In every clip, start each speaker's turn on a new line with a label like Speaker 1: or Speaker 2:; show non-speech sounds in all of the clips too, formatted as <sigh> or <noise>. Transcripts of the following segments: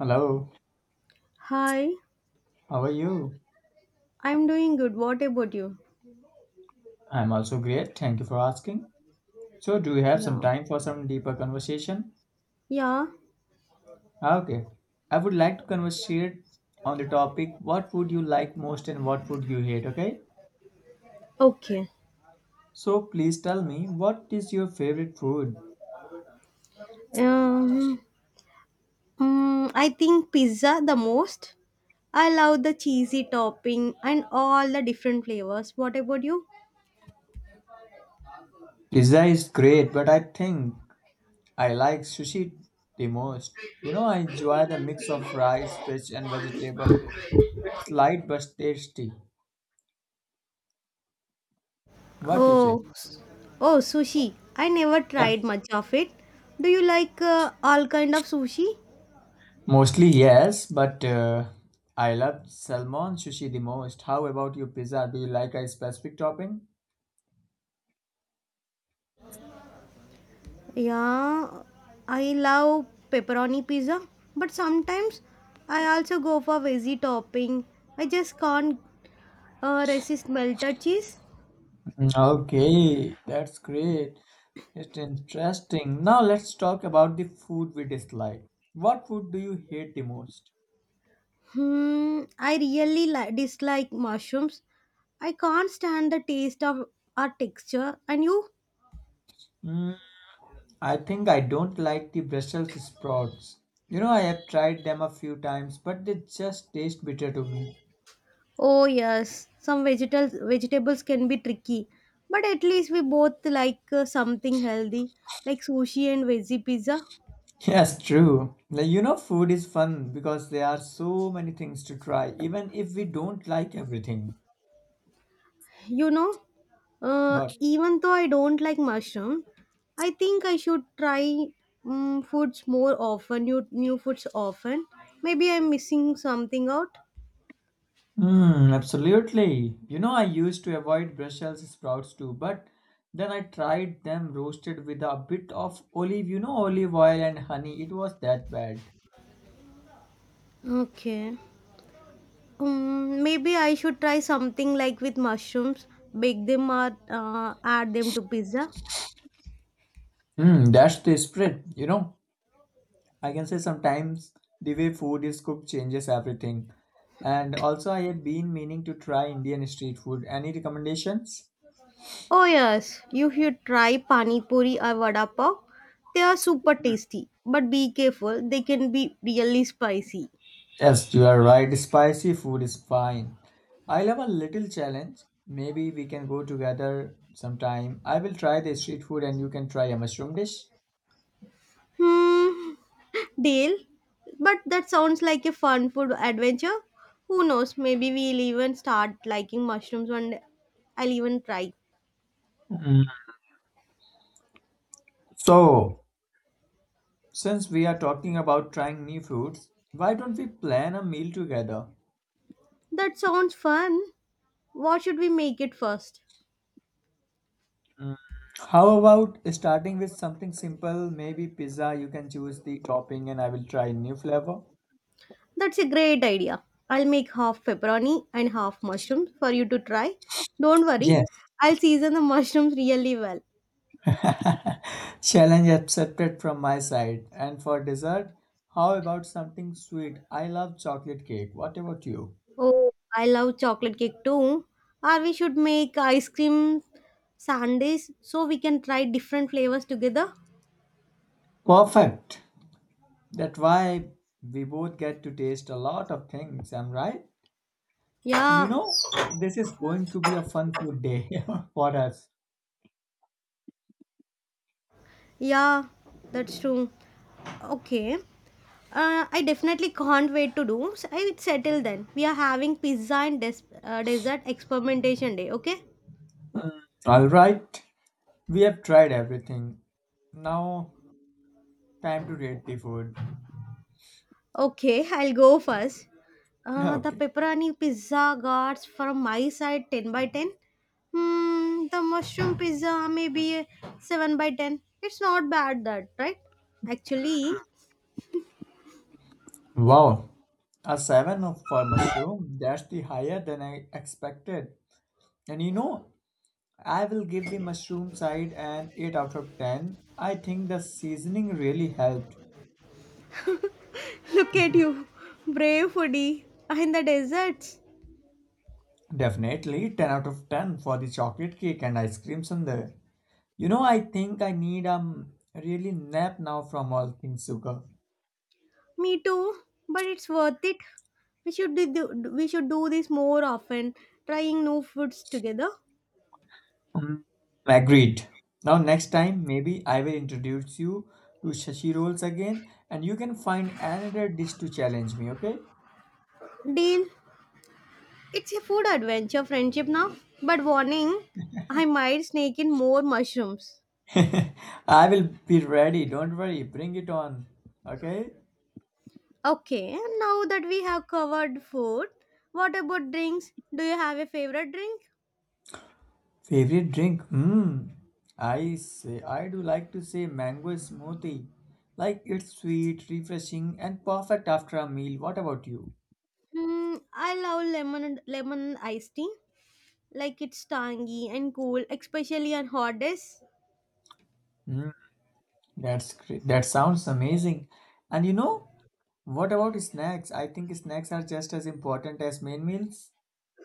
Speaker 1: Hello,
Speaker 2: Hi,
Speaker 1: how are you?
Speaker 2: I'm doing good. What about you?
Speaker 1: I'm also great. Thank you for asking. So, do you have some
Speaker 2: Yeah.
Speaker 1: time for some deeper conversation?
Speaker 2: Yeah.
Speaker 1: Okay. I would like to conversate on the topic what would you like most and what would you hate, okay?
Speaker 2: Okay.
Speaker 1: So, please tell me what is your favorite food?
Speaker 2: Um, I think pizza the most. I love the cheesy topping and all the different flavors. What about you?
Speaker 1: Pizza is great, but I think I like sushi the most. You know, I enjoy the mix of rice, fish and vegetable. It's light but tasty. What you say?
Speaker 2: Oh, s- oh, sushi. I never
Speaker 1: Yeah.
Speaker 2: tried much of it. Do you like all kind of sushi?
Speaker 1: Mostly yes, but I love salmon sushi the most. How about your pizza? Do you like a specific topping?
Speaker 2: Yeah, I love pepperoni pizza, but sometimes I also go for veggie topping. I just can't resist melted cheese.
Speaker 1: Okay, that's great. It's interesting. Now let's talk about the food we dislike. What food do you hate the most?
Speaker 2: I really dislike mushrooms. I can't stand the taste of or texture. And you?
Speaker 1: Mm, I think I don't like the Brussels sprouts. You know, I have tried them a few times, but they just taste bitter to me.
Speaker 2: Oh yes, some vegetables can be tricky, but at least we both like something healthy, like sushi and veggie pizza.
Speaker 1: Yes, true. Like, you know, food is fun because there are so many things to try, even if we don't like everything.
Speaker 2: You know,
Speaker 1: What?
Speaker 2: Even though I don't like mushroom, I think I should try foods more often, new foods often. Maybe I'm missing something out.
Speaker 1: Absolutely. You know, I used to avoid Brussels sprouts too, but then I tried them roasted with a bit of olive, you know, olive oil and honey. It was that bad.
Speaker 2: Okay. Maybe I should try something like with mushrooms, bake them or add them to pizza.
Speaker 1: That's the spirit. You know, I can say sometimes the way food is cooked changes everything. And also, I have been meaning to try Indian street food. Any recommendations?
Speaker 2: Oh yes, you should try pani puri or vada pav. They are super tasty, but be careful, they can be really spicy.
Speaker 1: Yes, you are right. Spicy food is fine. I love a little challenge. Maybe we can go together sometime. I will try the street food and you can try a mushroom dish.
Speaker 2: Hmm, Deal. But that sounds like a fun food adventure. Who knows, maybe we'll even start liking mushrooms one day. I'll even try.
Speaker 1: Mm. So, since we are talking about trying new foods, why don't we plan a meal together?
Speaker 2: That sounds fun. What should we make it first?
Speaker 1: Mm. How about starting with something simple? Maybe pizza. You can choose the topping and I will try new flavor.
Speaker 2: That's a great idea. I'll make half pepperoni and half mushrooms for you to try. Don't worry,
Speaker 1: Yes.
Speaker 2: I'll season the mushrooms really well.
Speaker 1: <laughs> Challenge accepted from my side. And for dessert, how about something sweet? I love chocolate cake. What about you?
Speaker 2: Oh, I love chocolate cake too. Or we should make ice cream sundaes so we can try different flavors together.
Speaker 1: Perfect. That's why we both get to taste a lot of things, am right? And you
Speaker 2: Yeah,
Speaker 1: know, this is going to be a fun food day <laughs> for us.
Speaker 2: yeah, that's true. Okay. I definitely can't wait to do. So I will settle then. We are having pizza and dessert experimentation day, okay?
Speaker 1: All right. We have tried everything. Now, time to rate the food.
Speaker 2: Okay, I'll go first.
Speaker 1: <laughs>
Speaker 2: The
Speaker 1: Okay.
Speaker 2: pepperoni pizza got from my side 10 by 10. The mushroom pizza maybe a 7 by 10. It's not bad that, right? Actually,
Speaker 1: Wow. A 7 for mushroom. That's the higher than I expected. And you know, I will give the mushroom side an 8 out of 10. I think the seasoning really helped.
Speaker 2: <laughs> look at you, brave foodie in the deserts.
Speaker 1: Definitely 10 out of 10 for the chocolate cake and ice cream sundae. You know, I think I need a really nap now from all things sugar.
Speaker 2: Me too, but it's worth it. We should we should do this more often, trying new foods together.
Speaker 1: Mm, Agreed. Now, next time, maybe I will introduce you to shashi rolls again and you can find another dish to challenge me, okay?
Speaker 2: Deal. It's a food adventure friendship now, but warning, I might sneak in more mushrooms.
Speaker 1: <laughs> I will be ready. Don't worry. Bring it on. Okay?
Speaker 2: Okay, now that we have covered food, what about drinks? Do you have a favorite drink?
Speaker 1: Favorite drink? Hmm. I say I do like to say mango smoothie. Like it's sweet, refreshing, and perfect after a meal. What about you?
Speaker 2: I love lemon iced tea. Like it's tangy and cool, especially on hot days.
Speaker 1: Hmm. That's great. That sounds amazing. And you know, what about snacks? I think snacks are just as important as main meals.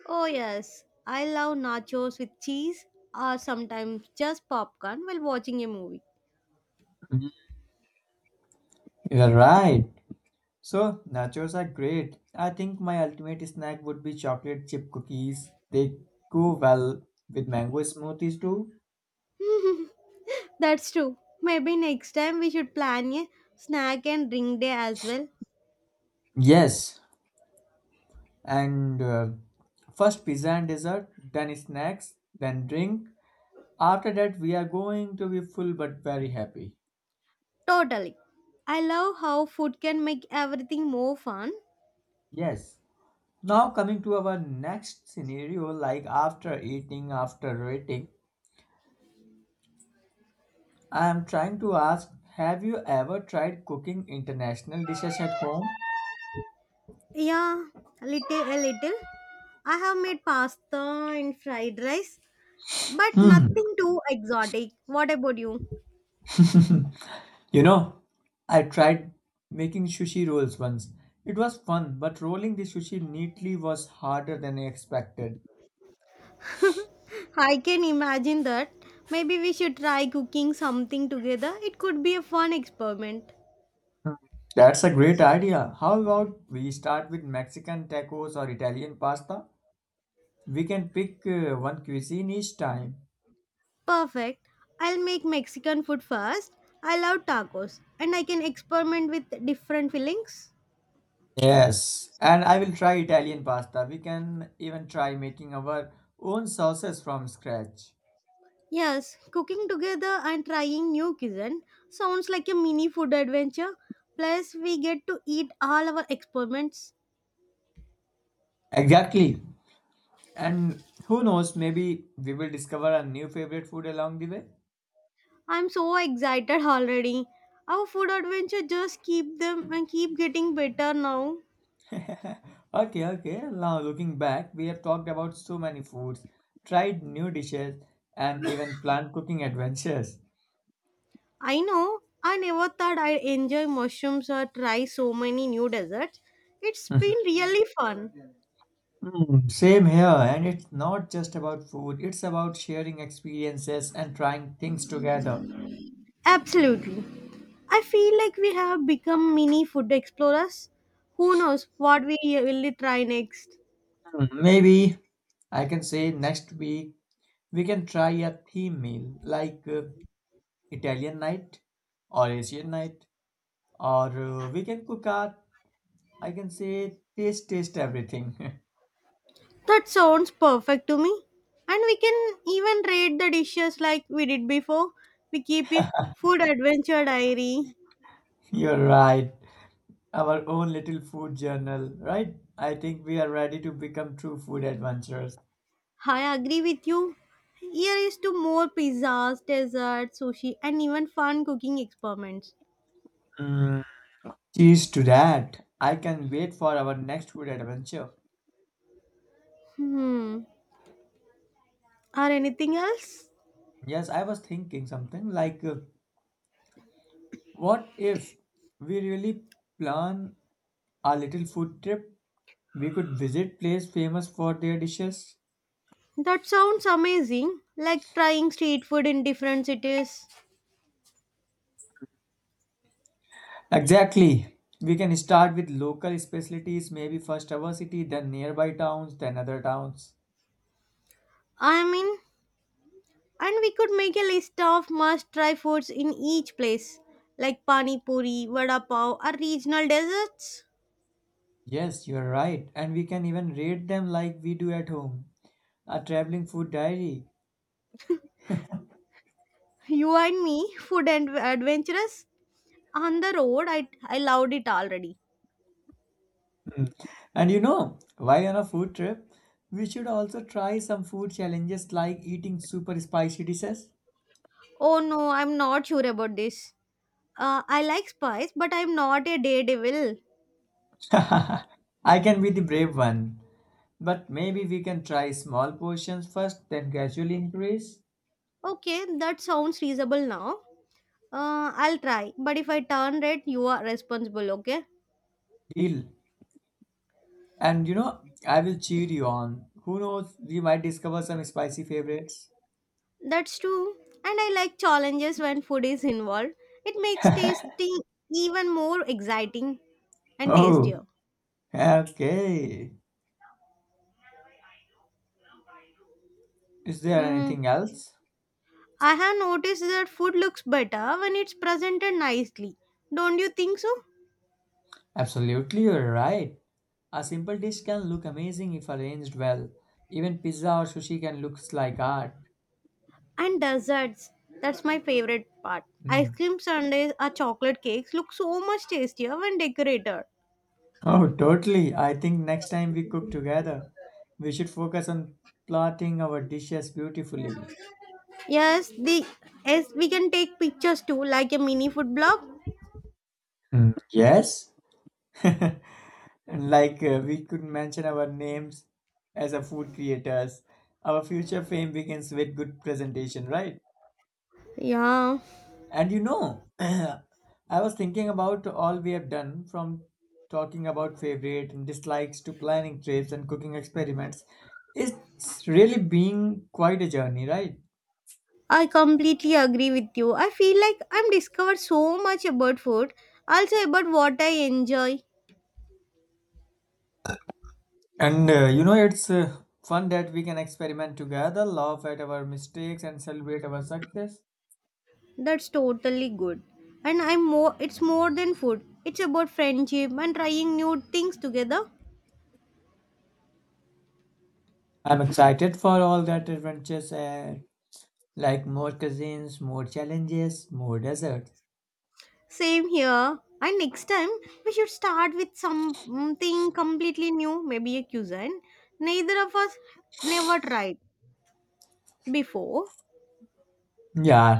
Speaker 2: Oh yes, I love nachos with cheese or sometimes just popcorn while watching a movie.
Speaker 1: Mhm. You're right. So nachos are great. I think my ultimate snack would be chocolate chip cookies. They go well with mango smoothies too.
Speaker 2: <laughs> That's true. Maybe next time we should plan a snack and drink day as well.
Speaker 1: Yes, and first pizza and dessert then snacks then drink after that we are going to be full but very happy.
Speaker 2: Totally. I love how food can make everything more fun.
Speaker 1: Yes, now coming to our next scenario, like after eating, after waiting, I am trying to ask, have you ever tried cooking international dishes at home?
Speaker 2: Yeah, little a little. I have made pasta and fried rice, but
Speaker 1: Hmm.
Speaker 2: nothing too exotic. What about you?
Speaker 1: <laughs> You know, I tried making sushi rolls once. It was fun but rolling the sushi neatly was harder than I expected.
Speaker 2: I can imagine that. Maybe we should try cooking something together. It could be a fun experiment.
Speaker 1: Hmm. That's a great idea. How about we start with Mexican tacos or Italian pasta? We can pick one cuisine each time.
Speaker 2: Perfect. I'll make Mexican food first. I love tacos and I can experiment with different fillings.
Speaker 1: Yes, and I will try Italian pasta. We can even try making our own sauces from scratch.
Speaker 2: Yes, cooking together and trying new cuisine sounds like a mini food adventure. Plus, we get to eat all our experiments.
Speaker 1: Exactly. And who knows, maybe we will discover a new favorite food along the way.
Speaker 2: I'm so excited already. Our food adventure just keep them and keep getting better now.
Speaker 1: <laughs> Okay, okay. Now looking back, we have talked about so many foods, tried new dishes, and even planned cooking adventures.
Speaker 2: I know I never thought I'd enjoy mushrooms or try so many new desserts. It's been
Speaker 1: <laughs>
Speaker 2: really fun.
Speaker 1: Same here, and it's not just about food, it's about sharing experiences and trying things together.
Speaker 2: Absolutely. I feel like we have become mini food explorers. Who knows what we will try next?
Speaker 1: Maybe I can say next week we can try a theme meal like Italian night or Asian night, or we can cook our, I can say, taste everything.
Speaker 2: That sounds perfect to me. And we can even rate the dishes like we did before. We keep a food adventure diary.
Speaker 1: <laughs> You're right, our own little food journal, right? I think we are ready to become true food adventurers.
Speaker 2: I agree with you. Here is to more pizzas, desserts, sushi, and even fun cooking experiments.
Speaker 1: Mm, Cheers to that! I can wait for our next food adventure.
Speaker 2: Hmm. Or anything else?
Speaker 1: Yes, I was thinking something like what if we really plan a little food trip? We could visit places famous for their dishes.
Speaker 2: That sounds amazing. Like trying street food in different cities.
Speaker 1: Exactly. We can start with local specialties, maybe first our city, then nearby towns, then other towns.
Speaker 2: I mean, And we could make a list of must try foods in each place, like pani puri, vada pav, or regional desserts.
Speaker 1: Yes, you're right. And we can even rate them like we do at home. A traveling food diary.
Speaker 2: <laughs> You and me, food and adventurous. On the road, I loved it already.
Speaker 1: Mm. And you know, while on a food trip, we should also try some food challenges like eating super spicy dishes.
Speaker 2: Oh no, I'm not sure about this. I like spice, but I'm not a daredevil.
Speaker 1: <laughs> I can be the brave one, but maybe we can try small portions first, then gradually increase.
Speaker 2: Okay, that sounds reasonable now. I'll try, but if I turn red, you are responsible, okay?
Speaker 1: Deal. And you know, I will cheer you on. Who knows, we might discover some spicy favorites.
Speaker 2: That's true. And I like challenges when food is involved. It makes tasting even more exciting and
Speaker 1: Oh,
Speaker 2: tastier.
Speaker 1: okay. Is there
Speaker 2: Mm.
Speaker 1: anything else?
Speaker 2: I have noticed that food looks better when it's presented nicely. Don't you think so?
Speaker 1: Absolutely, you're right. A simple dish can look amazing if arranged well. Even pizza or sushi can look like art.
Speaker 2: And desserts. That's my favorite part. Ice
Speaker 1: Mm.
Speaker 2: cream sundaes or chocolate cakes look so much tastier when decorated.
Speaker 1: Oh, totally. I think next time we cook together, we should focus on plotting our dishes beautifully.
Speaker 2: Yes, the yes, we can take pictures too, like a mini food blog.
Speaker 1: Mm. Yes? <laughs> Like we could mention our names as a food creators. Our future fame begins with good presentation, right?
Speaker 2: Yeah.
Speaker 1: And you know, <clears throat> I was thinking about all we have done from talking about favorite and dislikes to planning trips and cooking experiments. It's really been quite a journey, right?
Speaker 2: I completely agree with you. I feel like I'm discovered so much about food, also about what I enjoy.
Speaker 1: And you know, it's fun that we can experiment together, laugh at our mistakes, and celebrate our success.
Speaker 2: That's totally good. And I'm more It's more than food. It's about friendship and trying new things together.
Speaker 1: I'm excited for all that adventures, like more cuisines, more challenges, more desserts.
Speaker 2: Same here. And next time we should start with something completely new, maybe a cuisine. Neither of us never tried before.
Speaker 1: Yeah,